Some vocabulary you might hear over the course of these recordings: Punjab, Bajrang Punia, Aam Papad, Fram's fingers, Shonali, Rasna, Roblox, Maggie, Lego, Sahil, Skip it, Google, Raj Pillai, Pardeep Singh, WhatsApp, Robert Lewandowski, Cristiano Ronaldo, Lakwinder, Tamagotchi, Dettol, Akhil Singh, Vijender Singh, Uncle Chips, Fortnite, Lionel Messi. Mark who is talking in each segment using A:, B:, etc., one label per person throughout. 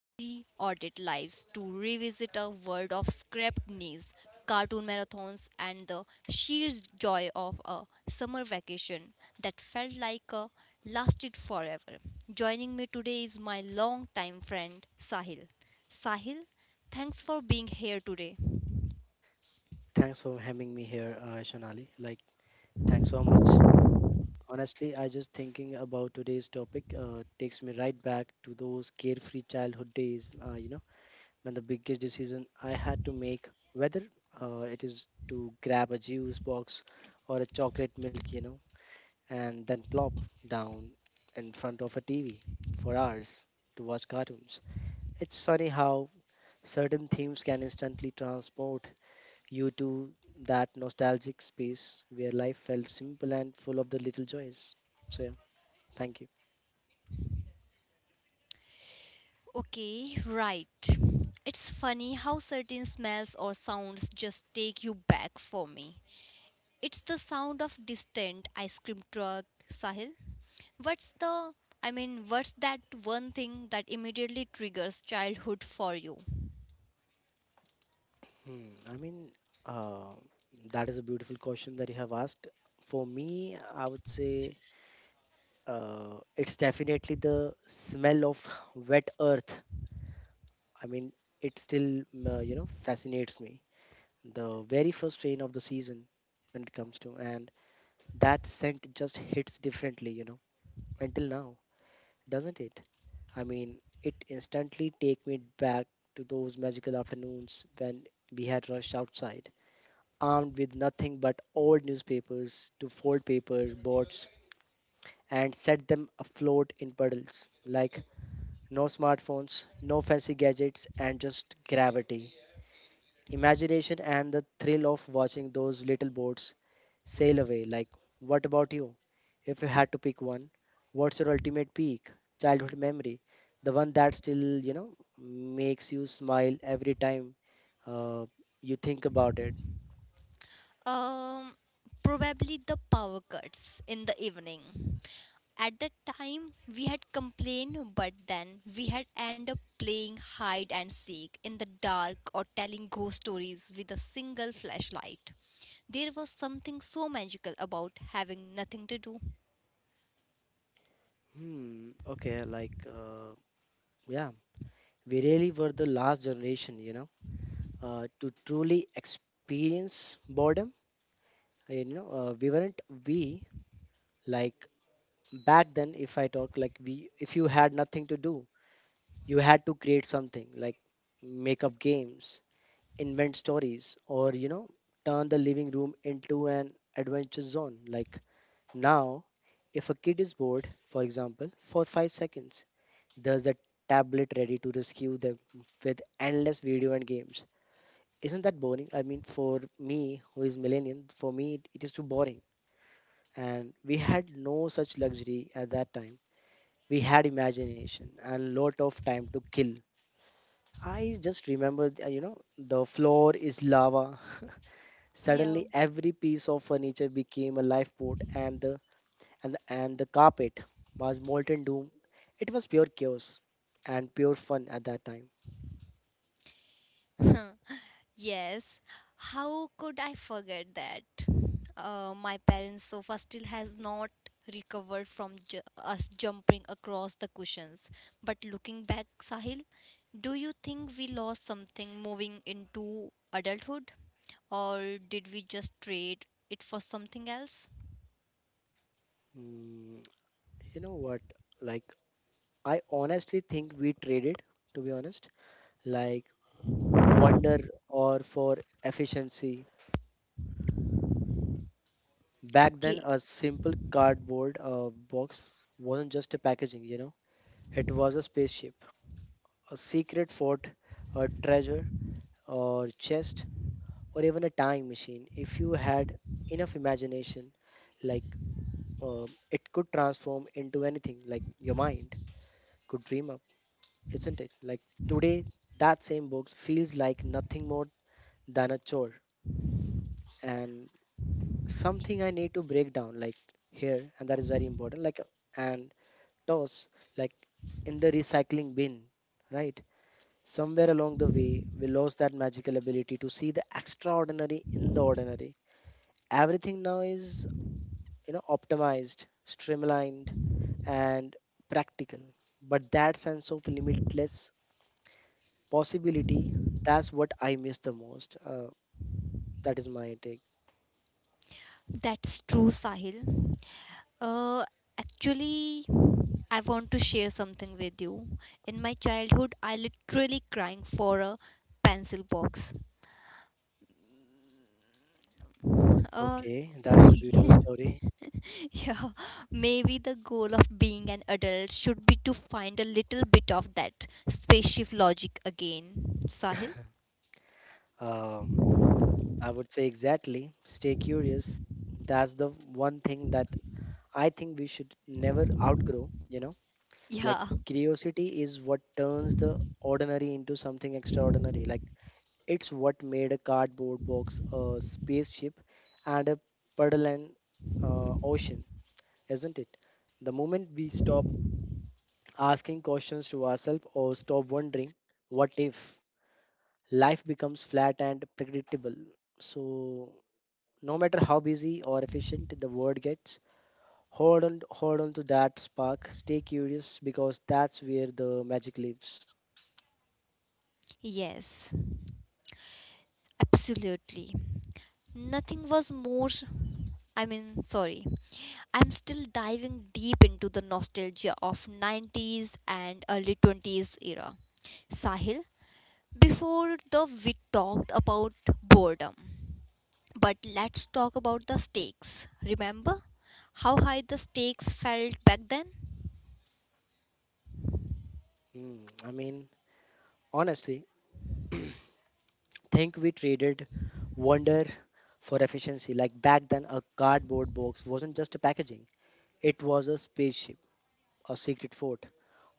A: busy audit lives to revisit a world of scrapped knees, cartoon marathons and the sheer joy of a summer vacation that felt like a lasted forever. Joining me today is my longtime friend Sahil. Sahil, thanks for being here today.
B: Thanks for having me here, Shonali. Thanks so much. Honestly, I just thinking about today's topic takes me right back to those carefree childhood days. When the biggest decision I had to make, whether it is to grab a juice box or a chocolate milk, you know, and then plop down in front of a TV for hours to watch cartoons. It's funny how certain themes can instantly transport you to that nostalgic space where life felt simple and full of the little joys. So, yeah, thank you.
A: Okay, right. It's funny how certain smells or sounds just take you back for me. It's the sound of distant ice cream truck, Sahil. What's the I mean, what's that one thing that immediately triggers childhood for you?
B: I mean, uh, that is a beautiful question that you have asked. For me, I would say it's definitely the smell of wet earth. I mean, it still, you know, fascinates me. The very first rain of the season when it comes to, and that scent just hits differently, you know, until now, doesn't it? I mean, it instantly take me back to those magical afternoons when we had rushed outside, armed with nothing but old newspapers to fold paper boards and set them afloat in puddles. Like no smartphones, no fancy gadgets, and just gravity imagination and the thrill of watching those little boats sail away. Like, what about you? If you had to pick one, what's your ultimate peak childhood memory? The one that still, you know, makes you smile every time uh, you think about it.
A: Um, Probably the power cuts in the evening. At that time, we had complained, but then we had end up playing hide and seek in the dark or telling ghost stories with a single flashlight. There was something so magical about having nothing to do.
B: Hmm. Okay. Yeah, we really were the last generation, you know, to truly experience boredom. You know, we weren't we like back then if I talk like we if you had nothing to do, you had to create something, like make up games, invent stories, or you know, turn the living room into an adventure zone. Like now, if a kid is bored, for example for 5 seconds, there's a tablet ready to rescue them with endless video and games. Isn't that boring? I mean, for me who is millennial, for me it is too boring, and we had no such luxury at that time. We had imagination and lot of time to kill. I just remember, the floor is lava.
A: Yeah.
B: Suddenly, every piece of furniture became a lifeboat, and the and the carpet was molten doom. It was pure chaos and pure fun at that time.
A: Yes, how could I forget that? My parents' sofa still has not recovered from us jumping across the cushions. But looking back, Sahil, do you think we lost something moving into adulthood? Or did we just trade it for something else?
B: Mm, you know what? Like, I honestly think we traded, to be honest, like wonder or for efficiency. Back then,
A: Okay.
B: a simple cardboard box wasn't just a packaging, you know, it was a spaceship, a secret fort, a treasure, or chest, or even a time machine. If you had enough imagination, like it could transform into anything, like your mind could dream up, isn't it? Like today, that same box feels like nothing more than a chore and something I need to break down, like here, and that is very important. And toss, like, in the recycling bin, right? Somewhere along the way, we lost that magical ability to see the extraordinary in the ordinary. Everything now is, you know, optimized, streamlined, and practical. But that sense of limitless possibility, that's what I miss the most. That is my take.
A: That's true, Sahil. Uh, Actually, I want to share something with you. In my childhood, I literally crying for a pencil box. Uh,
B: Okay, that is a beautiful story.
A: yeah, maybe the goal of being an adult should be to find a little bit of that spaceship logic again, Sahil.
B: Um, I would say exactly. Stay curious. That's the one thing that I think we should never outgrow, you know, like
A: Yeah,
B: curiosity is what turns the ordinary into something extraordinary. Like it's what made a cardboard box, a spaceship, and a puddle and ocean, isn't it? The moment we stop asking questions to ourselves or stop wondering, what if life becomes flat and predictable? So, no matter how busy or efficient the world gets, hold on, hold on to that spark. Stay curious because that's where the magic lives.
A: yes, absolutely. Nothing was more. Sorry. I'm still diving deep into the nostalgia of 90s and early 20s era. Sahil, before the we talked about boredom. But let's talk about the stakes. Remember how high the stakes felt back then?
B: I mean, honestly, think we traded wonder for efficiency. Like back then, a cardboard box wasn't just a packaging; it was a spaceship, a secret fort,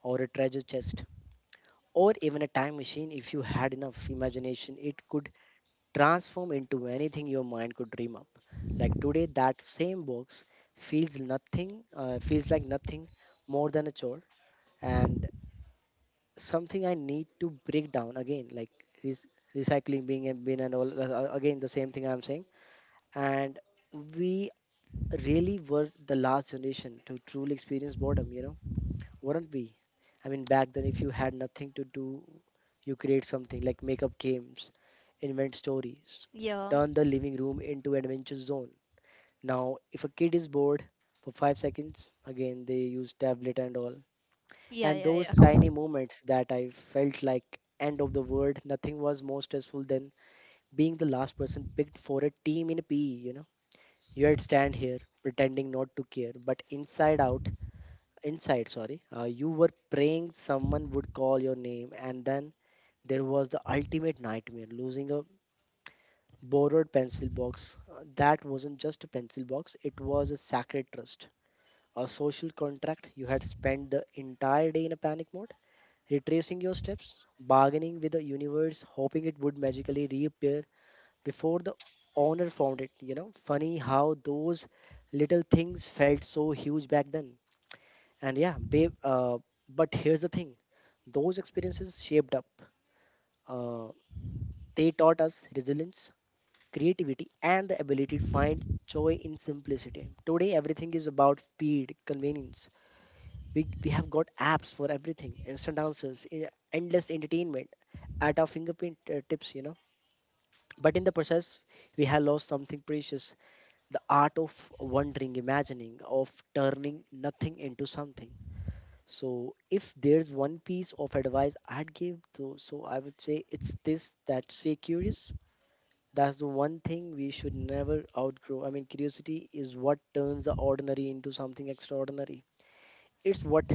B: or a treasure chest, or even a time machine. If you had enough imagination, it could transform into anything your mind could dream up. Like today, that same box feels like nothing more than a chore and something I need to break down again. Like rec- recycling being a bin and all, again the same thing I'm saying. And we really were the last generation to truly experience boredom. You know, wouldn't we? I mean, back then, if you had nothing to do, you create something like make up games, invent stories,
A: Yeah.
B: turn the living room into adventure zone. Now, if a kid is bored for 5 seconds, again they use tablet and all.
A: Yeah,
B: And
A: yeah,
B: those
A: yeah.
B: tiny moments that I felt like end of the world, nothing was more stressful than being the last person picked for a team in a PE. You know, you'd stand here pretending not to care, but inside out inside sorry you were praying someone would call your name. And then there was the ultimate nightmare, losing a borrowed pencil box. That wasn't just a pencil box, it was a sacred trust, a social contract. You had spent the entire day in a panic mode, retracing your steps, bargaining with the universe, hoping it would magically reappear before the owner found it. You know, funny how those little things felt so huge back then. And yeah babe, but here's the thing, those experiences shaped up, uh, they taught us resilience, creativity, and the ability to find joy in simplicity. Today everything is about speed, convenience. We have got apps for everything, instant answers, endless entertainment at our fingerprint tips, you know. But in the process, we have lost something precious, the art of wondering, imagining, of turning nothing into something. So if there's one piece of advice I'd give, though, so I would say it's this, that stay curious. That's the one thing we should never outgrow. I mean, curiosity is what turns the ordinary into something extraordinary. It's what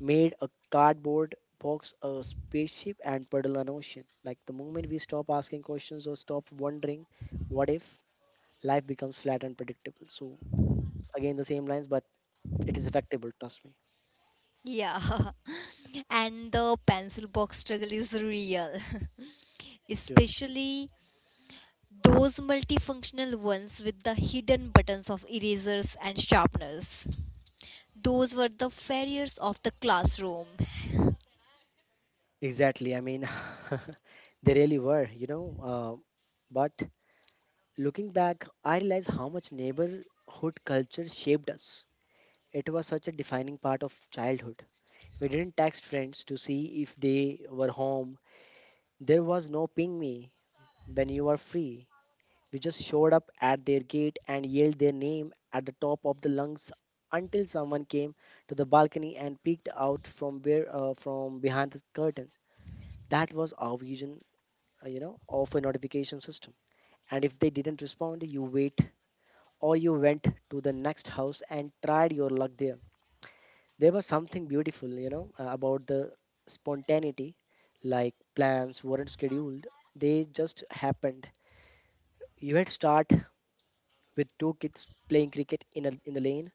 B: made a cardboard box a spaceship and puddle an ocean. Like the moment we stop asking questions or stop wondering, what if life becomes flat and predictable? So again, the same lines, but it is effectable. Trust me.
A: Yeah, and the pencil box struggle is real, especially those multifunctional ones with the hidden buttons of erasers and sharpeners. Those were the failures of the classroom.
B: Exactly. I mean, they really were, you know. But looking back, I realize how much neighborhood culture shaped us. It was such a defining part of childhood. We didn't text friends to see if they were home. There was no ping me when you are free. We just showed up at their gate and yelled their name at the top of the lungs until someone came to the balcony and peeked out from where, from behind the curtain. That was our vision you know of a notification system. And if they didn't respond, you wait, or you went to the next house and tried your luck there. There was something beautiful, you know, about the spontaneity, like plans weren't scheduled, they just happened. You had start with two kids playing cricket in the lane,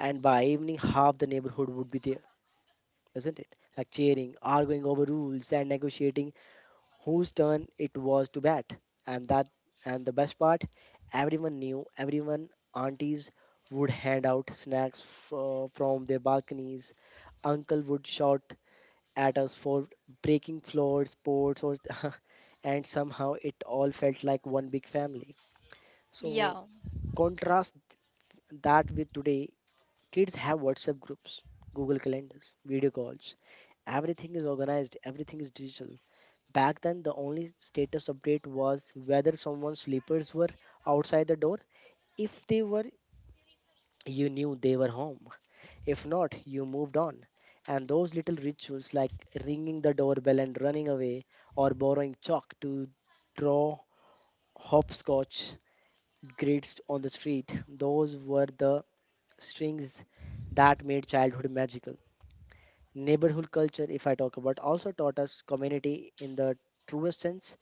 B: and by evening half the neighborhood would be there, isn't it, like cheering, arguing over rules, and negotiating whose turn it was to bat. And that and the best part, everyone knew, everyone, aunties would hand out snacks from their balconies. Uncle would shout at us for breaking floors, sports, or and somehow it all felt like one big family. So
A: Yeah.
B: contrast that with today, kids have WhatsApp groups, Google calendars, video calls. Everything is organized, everything is digital. Back then, the only status update was whether someone's slippers were outside the door. If they were, you knew they were home. If not, you moved on. And those little rituals like ringing the doorbell and running away, or borrowing chalk to draw hopscotch grids on the street, those were the strings that made childhood magical. Neighborhood culture, if I talk about, also taught us community in the truest sense.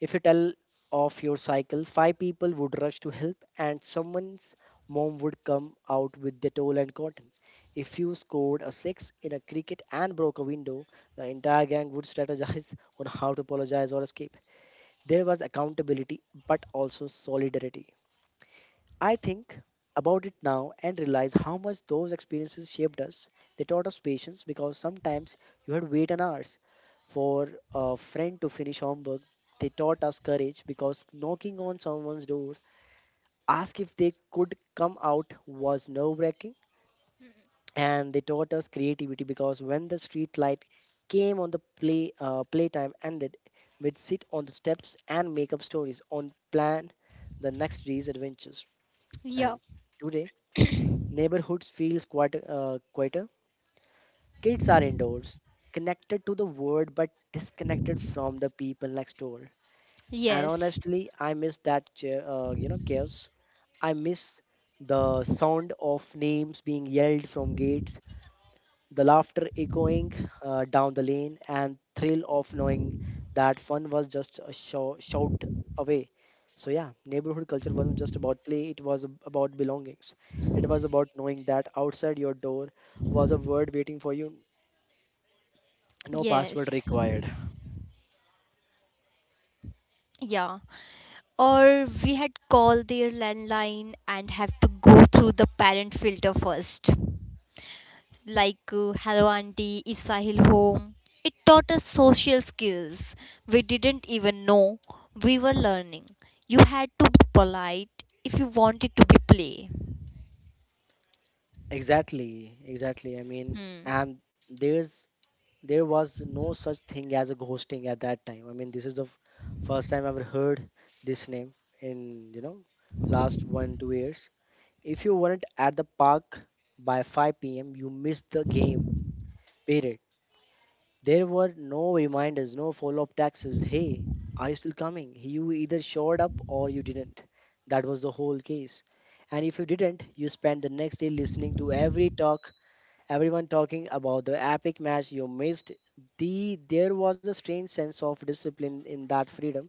B: If you tell off your cycle, 5 people would rush to help, and someone's mom would come out with Dettol and cotton. If you scored a six in a cricket and broke a window, the entire gang would strategize on how to apologize or escape. There was accountability, but also solidarity. I think about it now and realize how much those experiences shaped us. They taught us patience because sometimes you had to wait an hours for a friend to finish homework. They taught us courage because knocking on someone's door, ask if they could come out was nerve-wracking. And they taught us creativity because when the street light came on the playtime ended, we'd sit on the steps and make up stories on plan the next day's adventures.
A: Yeah.
B: And today neighborhoods feels quite quieter. Kids are indoors, connected to the world but disconnected from the people next door. And
A: Yes,
B: honestly, I miss that chaos. I miss the sound of names being yelled from gates, the laughter echoing down the lane, and thrill of knowing that fun was just a shout away. So yeah, neighborhood culture wasn't just about play; it was about belongings. It was about knowing that outside your door was a word waiting for you, no password
A: yes,
B: required.
A: yeah. Or we had called their landline and have to go through the parent filter first. Like hello Auntie, is Sahil home. It taught us social skills we didn't even know we were learning. You had to be polite if you wanted to be play.
B: Exactly, exactly. I mean, and there's there was no such thing as a ghosting at that time. I mean, this is the first time I've ever heard this name in last one two years. If you weren't at the park by 5 p.m., you missed the game, period. There were no reminders, no follow up taxes. Hey, are you still coming? You either showed up or you didn't. That was the whole case. And if you didn't, you spent the next day listening to everyone talking about the epic match you missed. There was a strange sense of discipline in that freedom.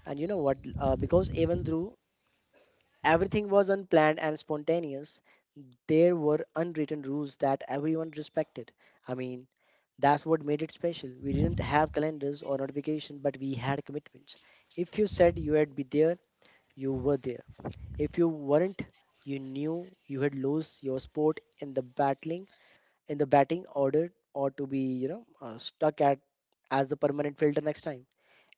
B: And you know what? Because even though everything was unplanned and spontaneous, there were unwritten rules that everyone respected. I mean, that's what made it special. We didn't have calendars or notification, but we had commitments. If you said you had be there, you were there. If you weren't, you knew you had lost your spot in the batting order, or to be, stuck at as the permanent filter next time.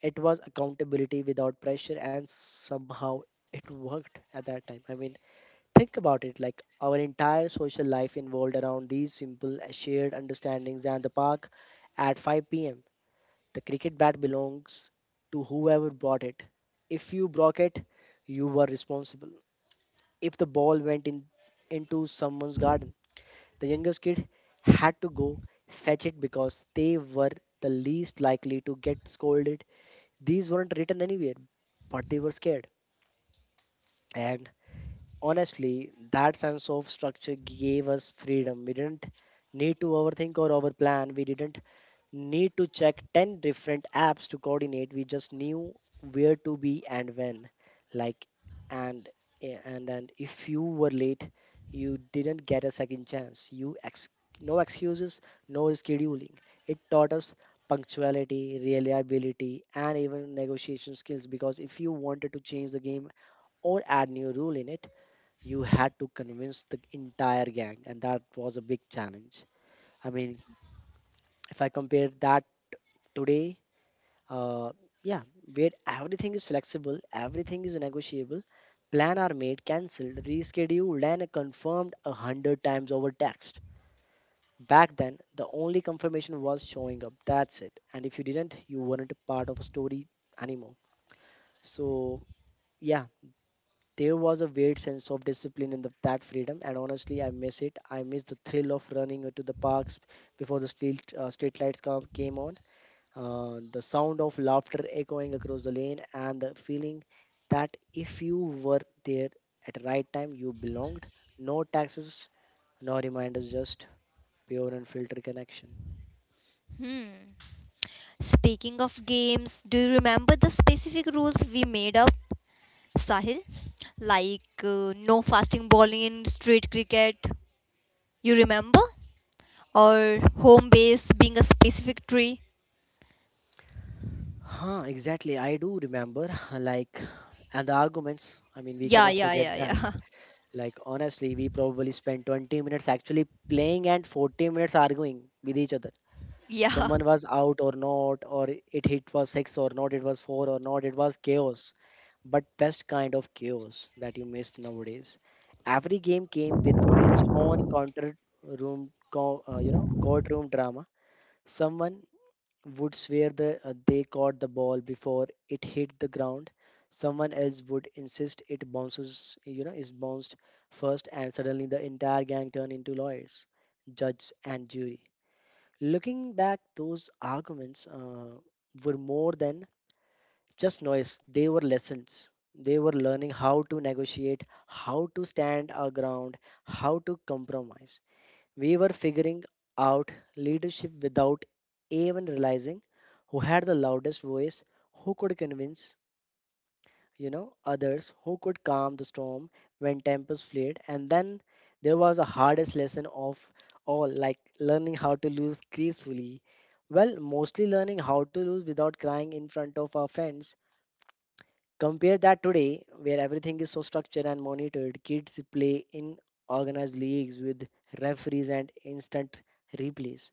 B: It was accountability without pressure, and somehow it worked at that time. I mean, think about it, like our entire social life involved around these simple shared understandings and the park at 5 pm. The cricket bat belongs to whoever brought it. If you broke it, you were responsible. If the ball into someone's garden, the youngest kid had to go fetch it because they were the least likely to get scolded. These weren't written anywhere, but they were scared. And honestly, that sense of structure gave us freedom. We didn't need to overthink or overplan. We didn't need to check 10 different apps to coordinate. We just knew where to be and when. Like, and eh, and if you were late, you didn't get a second chance. No excuses, no scheduling. It taught us punctuality, reliability, and even negotiation skills, because if you wanted to change the game or add new rule in it, you had to convince the entire gang, and that was a big challenge. I mean, if I compare that today, uh, yeah, where everything is flexible, everything is negotiable, plan are made, cancelled, rescheduled, and confirmed a hundred times over text. Back then, the only confirmation was showing up. That's it. And if you didn't, you weren't a part of a story anymore. So yeah, there was a weird sense of discipline in that freedom, and honestly, I miss it. I miss the thrill of running to the parks before the street lights came on, the sound of laughter echoing across the lane, and the feeling that if you were there at the right time, you belonged. No taxes, no reminders, just pure and filtered connection.
A: Speaking of games, do you remember the specific rules we made up, Sahil? Like no fasting bowling in street cricket. You remember? Or home base being a specific tree?
B: Huh, exactly. I do remember, like, and the arguments. I mean, we
A: Yeah,
B: cannot
A: yeah,
B: forget
A: yeah,
B: that.
A: yeah.
B: Like honestly, we probably spent 20 minutes actually playing and 40 minutes arguing with each other.
A: Yeah.
B: Someone was out or not, or it hit was six or not, it was four or not, it was chaos. But best kind of chaos that you missed nowadays. Every game came with its own counter room, co- you know, courtroom drama. Someone would swear they caught the ball before it hit the ground. Someone else would insist it bounces, you know, is bounced first, and suddenly the entire gang turned into lawyers, judge, and jury. Looking back, those arguments were more than just noise, they were lessons. They were learning how to negotiate, how to stand our ground, how to compromise. We were figuring out leadership without even realizing who had the loudest voice, who could convince, others, who could calm the storm when tempers flared, and then there was the hardest lesson of all, like learning how to lose gracefully. Well, mostly learning how to lose without crying in front of our friends. Compare that today, where everything is so structured and monitored. Kids play in organized leagues with referees and instant replays.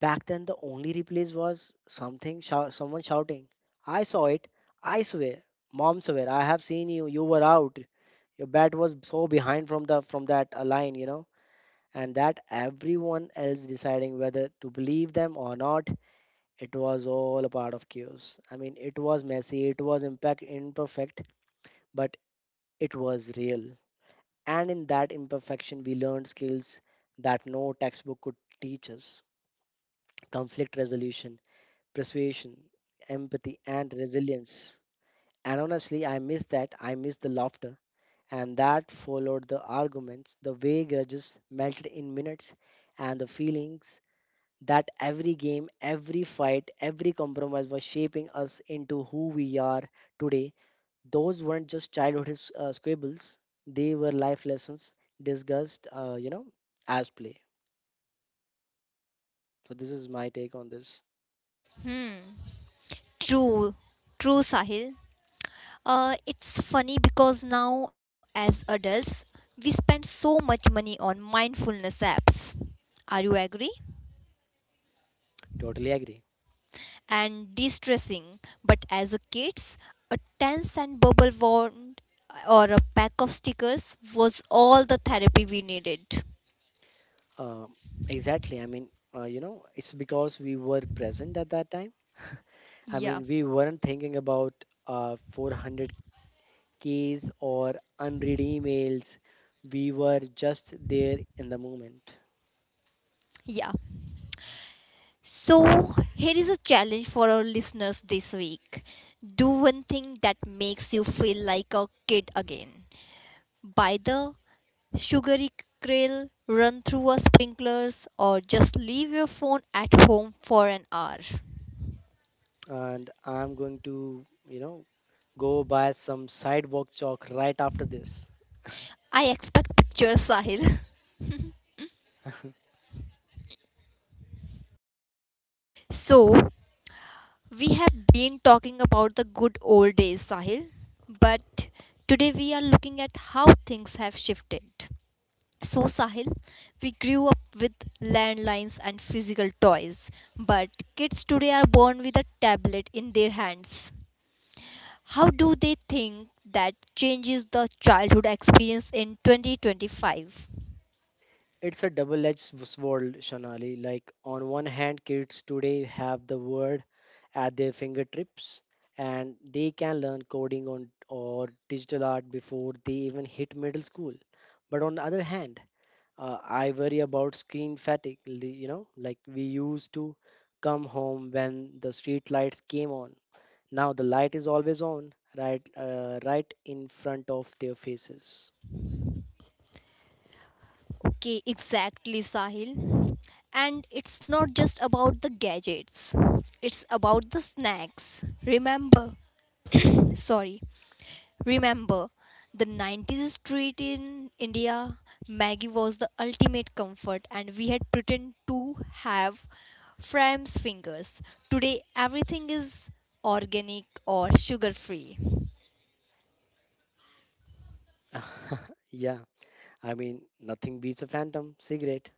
B: Back then, the only replays was someone shouting, "I saw it! I swear, mom swear, I have seen you. You were out. Your bat was so behind from the from that line, you know." And that everyone else deciding whether to believe them or not, it was all a part of chaos. I mean, it was messy, it was impact imperfect, but it was real. And in that imperfection, we learned skills that no textbook could teach us: conflict resolution, persuasion, empathy, and resilience. And honestly, I miss that. I miss the laughter. And that followed the arguments, the way grudges melted in minutes, and the feelings that every game, every fight, every compromise was shaping us into who we are today. Those weren't just childhood squabbles, they were life lessons discussed, as play. So, this is my take on this.
A: Hmm. True. True, Sahil. It's funny because now, as adults, we spend so much money on mindfulness apps. Are you agree?
B: Totally agree.
A: And de-stressing. But as a kids, a 10-cent bubble wand or a pack of stickers was all the therapy we needed.
B: Um, exactly. I mean, it's because we were present at that time. I
A: Yeah,
B: mean, we weren't thinking about 400Ks or unread emails. We were just there in the moment.
A: yeah. So here is a challenge for our listeners this week. Do one thing that makes you feel like a kid again. By the sugary krill, run through a sprinklers, or just leave your phone at home for an hour.
B: And I'm going to, go buy some sidewalk chalk right after this.
A: I expect pictures, Sahil. So, we have been talking about the good old days, Sahil, but today we are looking at how things have shifted. So, Sahil, we grew up with landlines and physical toys, but kids today are born with a tablet in their hands. How do they think that changes the childhood experience in 2025?
B: It's a double-edged sword, Shanali. Like on one hand, kids today have the word at their fingertips, and they can learn coding on or digital art before they even hit middle school. But on the other hand, I worry about screen fatigue. Like we used to come home when the street lights came on. Now the light is always on, right, right in front of their faces.
A: Okay, exactly, Sahil. And it's not just about the gadgets, it's about the snacks. Sorry, remember the 90s street in India, Maggie was the ultimate comfort, and we had pretend to have Fram's fingers. Today, everything is organic or sugar free.
B: Yeah. I mean, nothing beats a phantom cigarette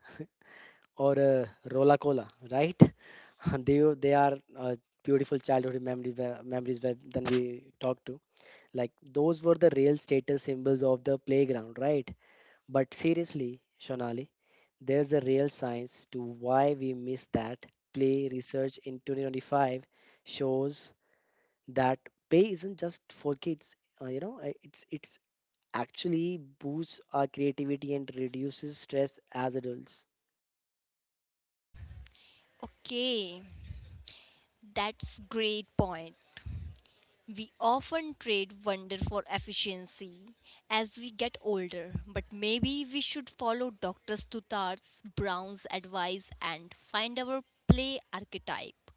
B: or a Rola Cola, right? They are beautiful childhood memories where then we talk to. Like those were the real status symbols of the playground, right? But seriously, Shonali, there's a real science to why we miss that. Play research in 2025 shows that play isn't just for kids. It's actually boosts our creativity and reduces stress as adults.
A: Okay. That's great point. We often trade wonder for efficiency as we get older, but maybe we should follow Dr. Stutart's Brown's advice and find our play archetype.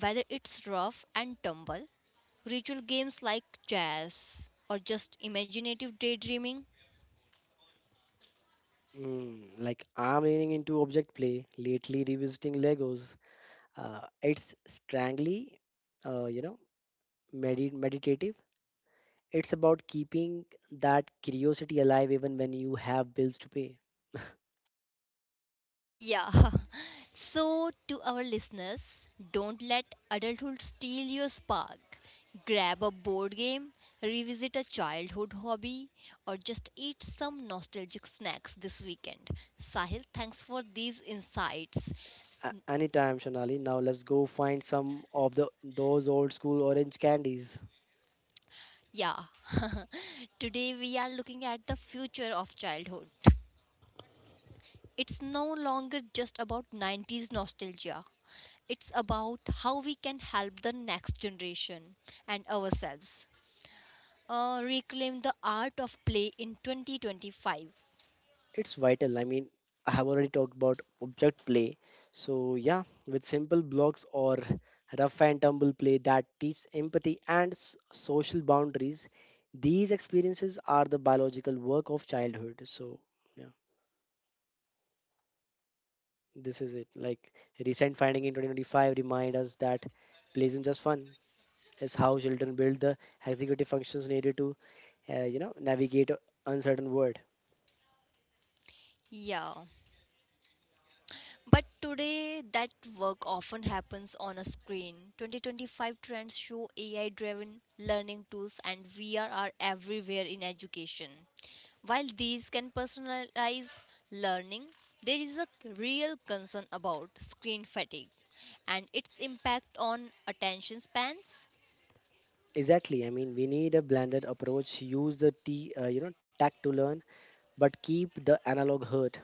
A: Whether it's rough and tumble, ritual games like chess, or just imaginative daydreaming.
B: Mm, like I'm leaning into object play lately, revisiting Legos. It's strangely, uh, you know, meditative. It's about keeping that curiosity alive even when you have bills to pay.
A: Yeah. So, to our listeners, don't let adulthood steal your spark. Grab a board game, revisit a childhood hobby, or just eat some nostalgic snacks this weekend. Sahil, thanks for these insights.
B: Anytime, Sonali. Now let's go find some of the those old school orange candies.
A: Yeah. Today we are looking at the future of childhood. It's no longer just about 90s nostalgia. It's about how we can help the next generation and ourselves reclaim the art of play in 2025.
B: It's vital. I mean, I have already talked about object play. So, yeah, with simple blocks or rough and tumble play that teaches empathy and social boundaries, these experiences are the biological work of childhood. So, yeah, this is it. Like, recent finding in 2025 remind us that play isn't just fun. It's how children build the executive functions needed to, navigate a uncertain world.
A: Yeah. But today, that work often happens on a screen. 2025 trends show AI driven learning tools and VR are everywhere in education. While these can personalize learning, there is a real concern about screen fatigue and its impact on attention spans.
B: Exactly. I mean, we need a blended approach. Use the tech to learn, but keep the analog hurt.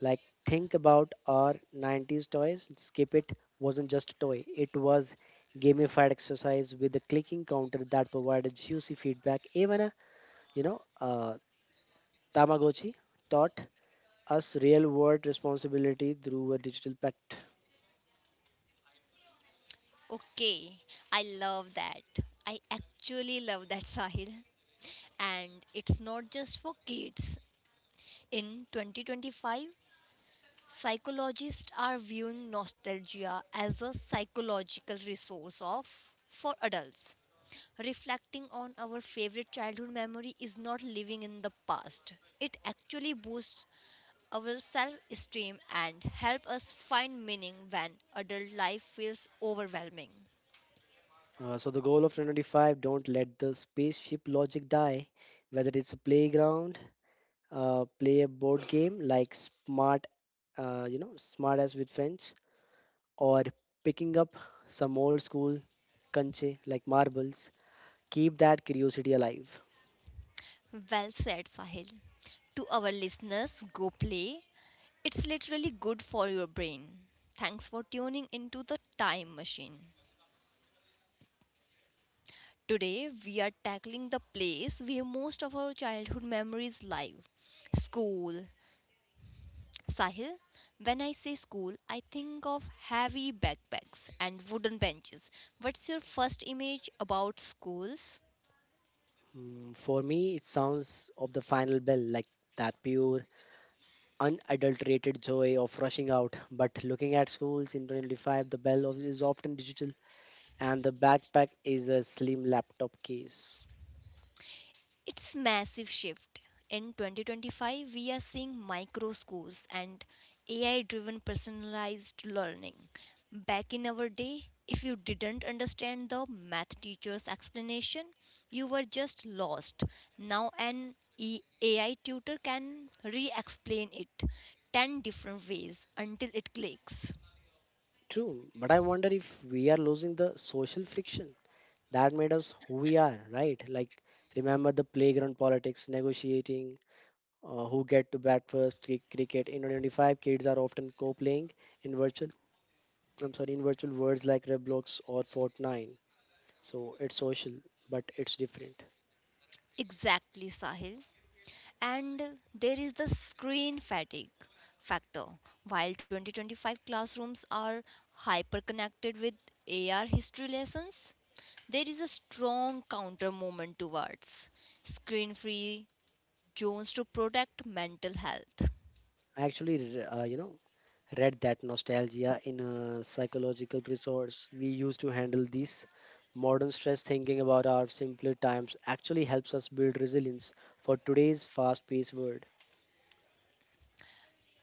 B: Like, think about our 90s toys. Skip it wasn't just a toy. It was gamified exercise with a clicking counter that provided juicy feedback. Even a, you know, uh, Tamagotchi taught us real-world responsibility through a digital pet.
A: Okay, I love that. I actually love that, Sahil. And it's not just for kids. In 2025, psychologists are viewing nostalgia as a psychological resource of for adults. Reflecting on our favorite childhood memory is not living in the past. It actually boosts our self-esteem and help us find meaning when adult life feels overwhelming.
B: So the goal of 2025, don't let the spaceship logic die, whether it's a playground play a board game like smart you know smart as with friends, or picking up some old school kanche like marbles, keep that curiosity alive.
A: Well said, Sahil. To our listeners, go play. It's literally good for your brain. Thanks for tuning into the time machine. Today, we are tackling the place where most of our childhood memories live school. Sahil, when I say school, I think of heavy backpacks and wooden benches. What's your first image about schools?
B: Mm, for me it sounds of the final bell, like that pure unadulterated joy of rushing out, but looking at schools in 2025 the is often digital and the backpack is a slim laptop case.
A: It's massive shift. In 2025, we are seeing micro schools and AI-driven personalized learning. Back in our day, if you didn't understand the math teacher's explanation, you were just lost. Now an AI tutor can re-explain it 10 different ways until it clicks.
B: True, but I wonder if we are losing the social friction that made us who we are, right? Like, remember the playground politics, negotiating, who get to bat first, cricket. In 2025, kids are often co-playing in virtual worlds like Roblox or Fortnite. So it's social, but it's different.
A: Exactly, Sahil. And there is the screen fatigue factor. While 2025 classrooms are hyperconnected with AR history lessons, there is a strong counter movement towards screen free zones to protect mental health.
B: I actually, read that nostalgia in a psychological resource we use to handle this. Modern stress thinking about our simpler times actually helps us build resilience for today's fast-paced world.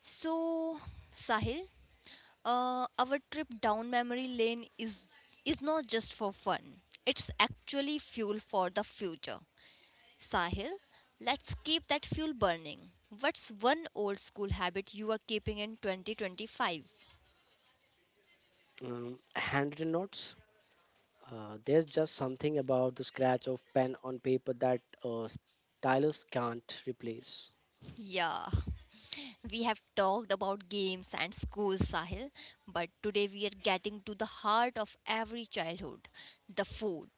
A: So, Sahil, our trip down memory lane is not just for fun. It's actually fuel for the future. Sahil, let's keep that fuel burning. What's one old school habit you are keeping in 2025?
B: Handwritten notes. There's just something about the scratch of pen on paper that stylus can't replace.
A: Yeah, we have talked about games and schools, Sahil, but today we are getting to the heart of every childhood the food.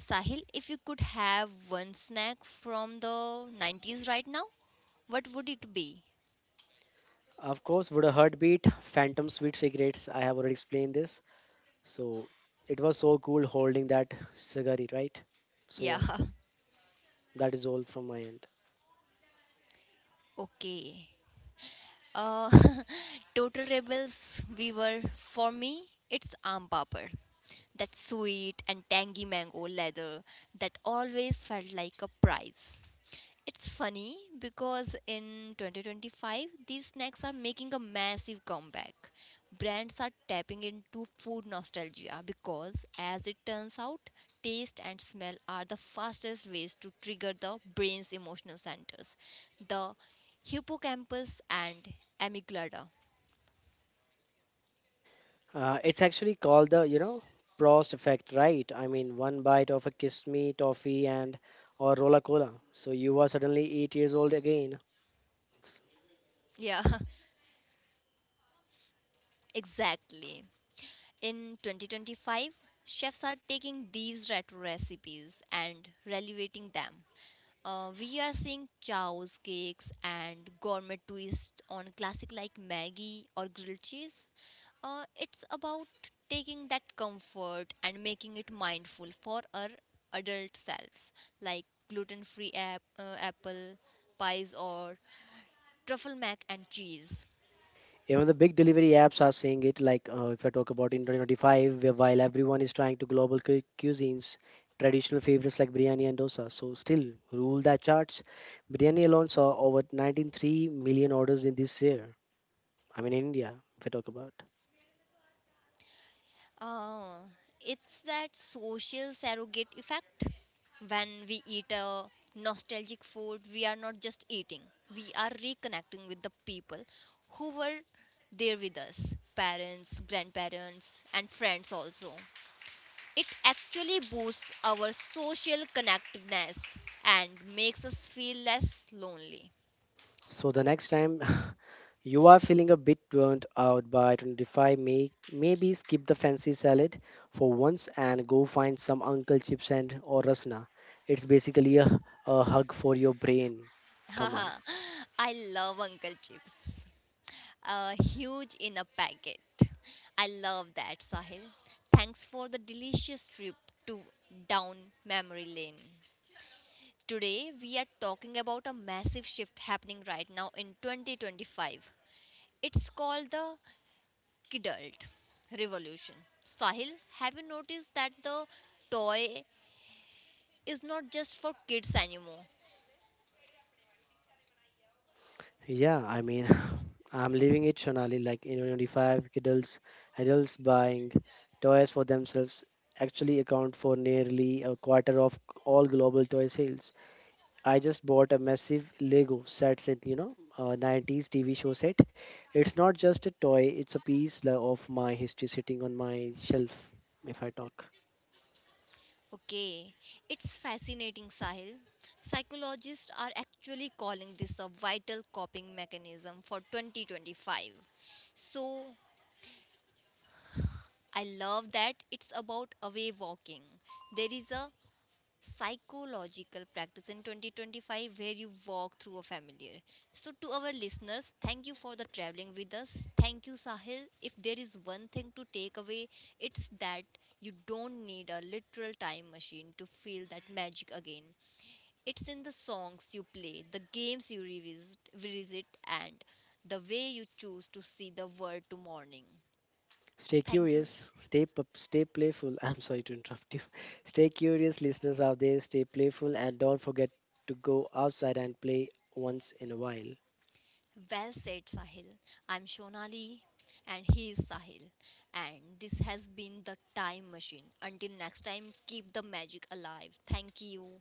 A: Sahil, if you could have one snack from the 90s right now, what would it be?
B: Of course, would a heartbeat, phantom sweet cigarettes. I have already explained this. So it was so cool holding that cigarette, right? So
A: Yeah,
B: yeah, that is all from my end.
A: okay. Uh, Total Rebels, we were. For me, it's Aam Papad. That sweet and tangy mango leather that always felt like a prize. It's funny because in 2025, these snacks are making a massive comeback. Brands are tapping into food nostalgia because, as it turns out, taste and smell are the fastest ways to trigger the brain's emotional centers. The hippocampus and amygdala.
B: It's actually called the Prost effect, right? I mean, one bite of a kiss me toffee and or rola cola. So you are suddenly 8 years old again.
A: Yeah, exactly. In 2025, chefs are taking these retro recipes and relevating them. We are seeing chows, cakes, and gourmet twists on classic like Maggie or grilled cheese. It's about taking that comfort and making it mindful for our adult selves, like gluten free apple pies or truffle mac and cheese.
B: Even the big delivery apps are seeing it. Like if I talk about in 2025, where while everyone is trying to global cuisines, traditional favorites like biryani and dosa, so still rule that charts. Biryani alone saw over 93 million orders in this year. I mean, in India, if I talk about.
A: Uh, it's that social surrogate effect. When we eat a nostalgic food, we are not just eating, we are reconnecting with the people who were there with us parents, grandparents, and friends also. It actually boosts our social connectedness and makes us feel less lonely.
B: So the next time you are feeling a bit burnt out by 25, maybe skip the fancy salad for once and go find some Uncle Chips and or Rasna. It's basically a hug for your brain. Come on.
A: Haha, I love Uncle Chips. Huge in a packet. I love that, Sahil. Thanks for the delicious trip to down memory lane. Today we are talking about a massive shift happening right now in 2025. It's called the kidult revolution. Sahil, have you noticed that the toy is not just for kids anymore?
B: Yeah, I mean, I'm living it, Sonali. Like in 25, adults buying toys for themselves actually account for nearly a quarter of all global toy sales. I just bought a massive set you know, 90s TV show set. It's not just a toy, it's a of my history sitting on my shelf if I talk.
A: Okay, it's fascinating, Sahil. Psychologists are actually calling this a vital coping mechanism for 2025. So, I love that it's about away walking. There is a psychological practice in 2025 where you walk through a familiar. So, to our listeners, thank you for the traveling with us. Thank you, Sahil. If there is one thing to take away, it's that you don't need a literal time machine to feel that magic again. It's in the songs you play, the games you revisit, and the way you choose to see the world to morning.
B: Stay
A: Thank you.
B: curious, stay pup, stay playful. I'm sorry to interrupt you. Stay curious, listeners out there, stay playful and don't forget to go outside and play once in a while.
A: Well said, Sahil. I'm Shonali and he is Sahil. And this has been the time machine. Until next time, keep the magic alive. Thank you.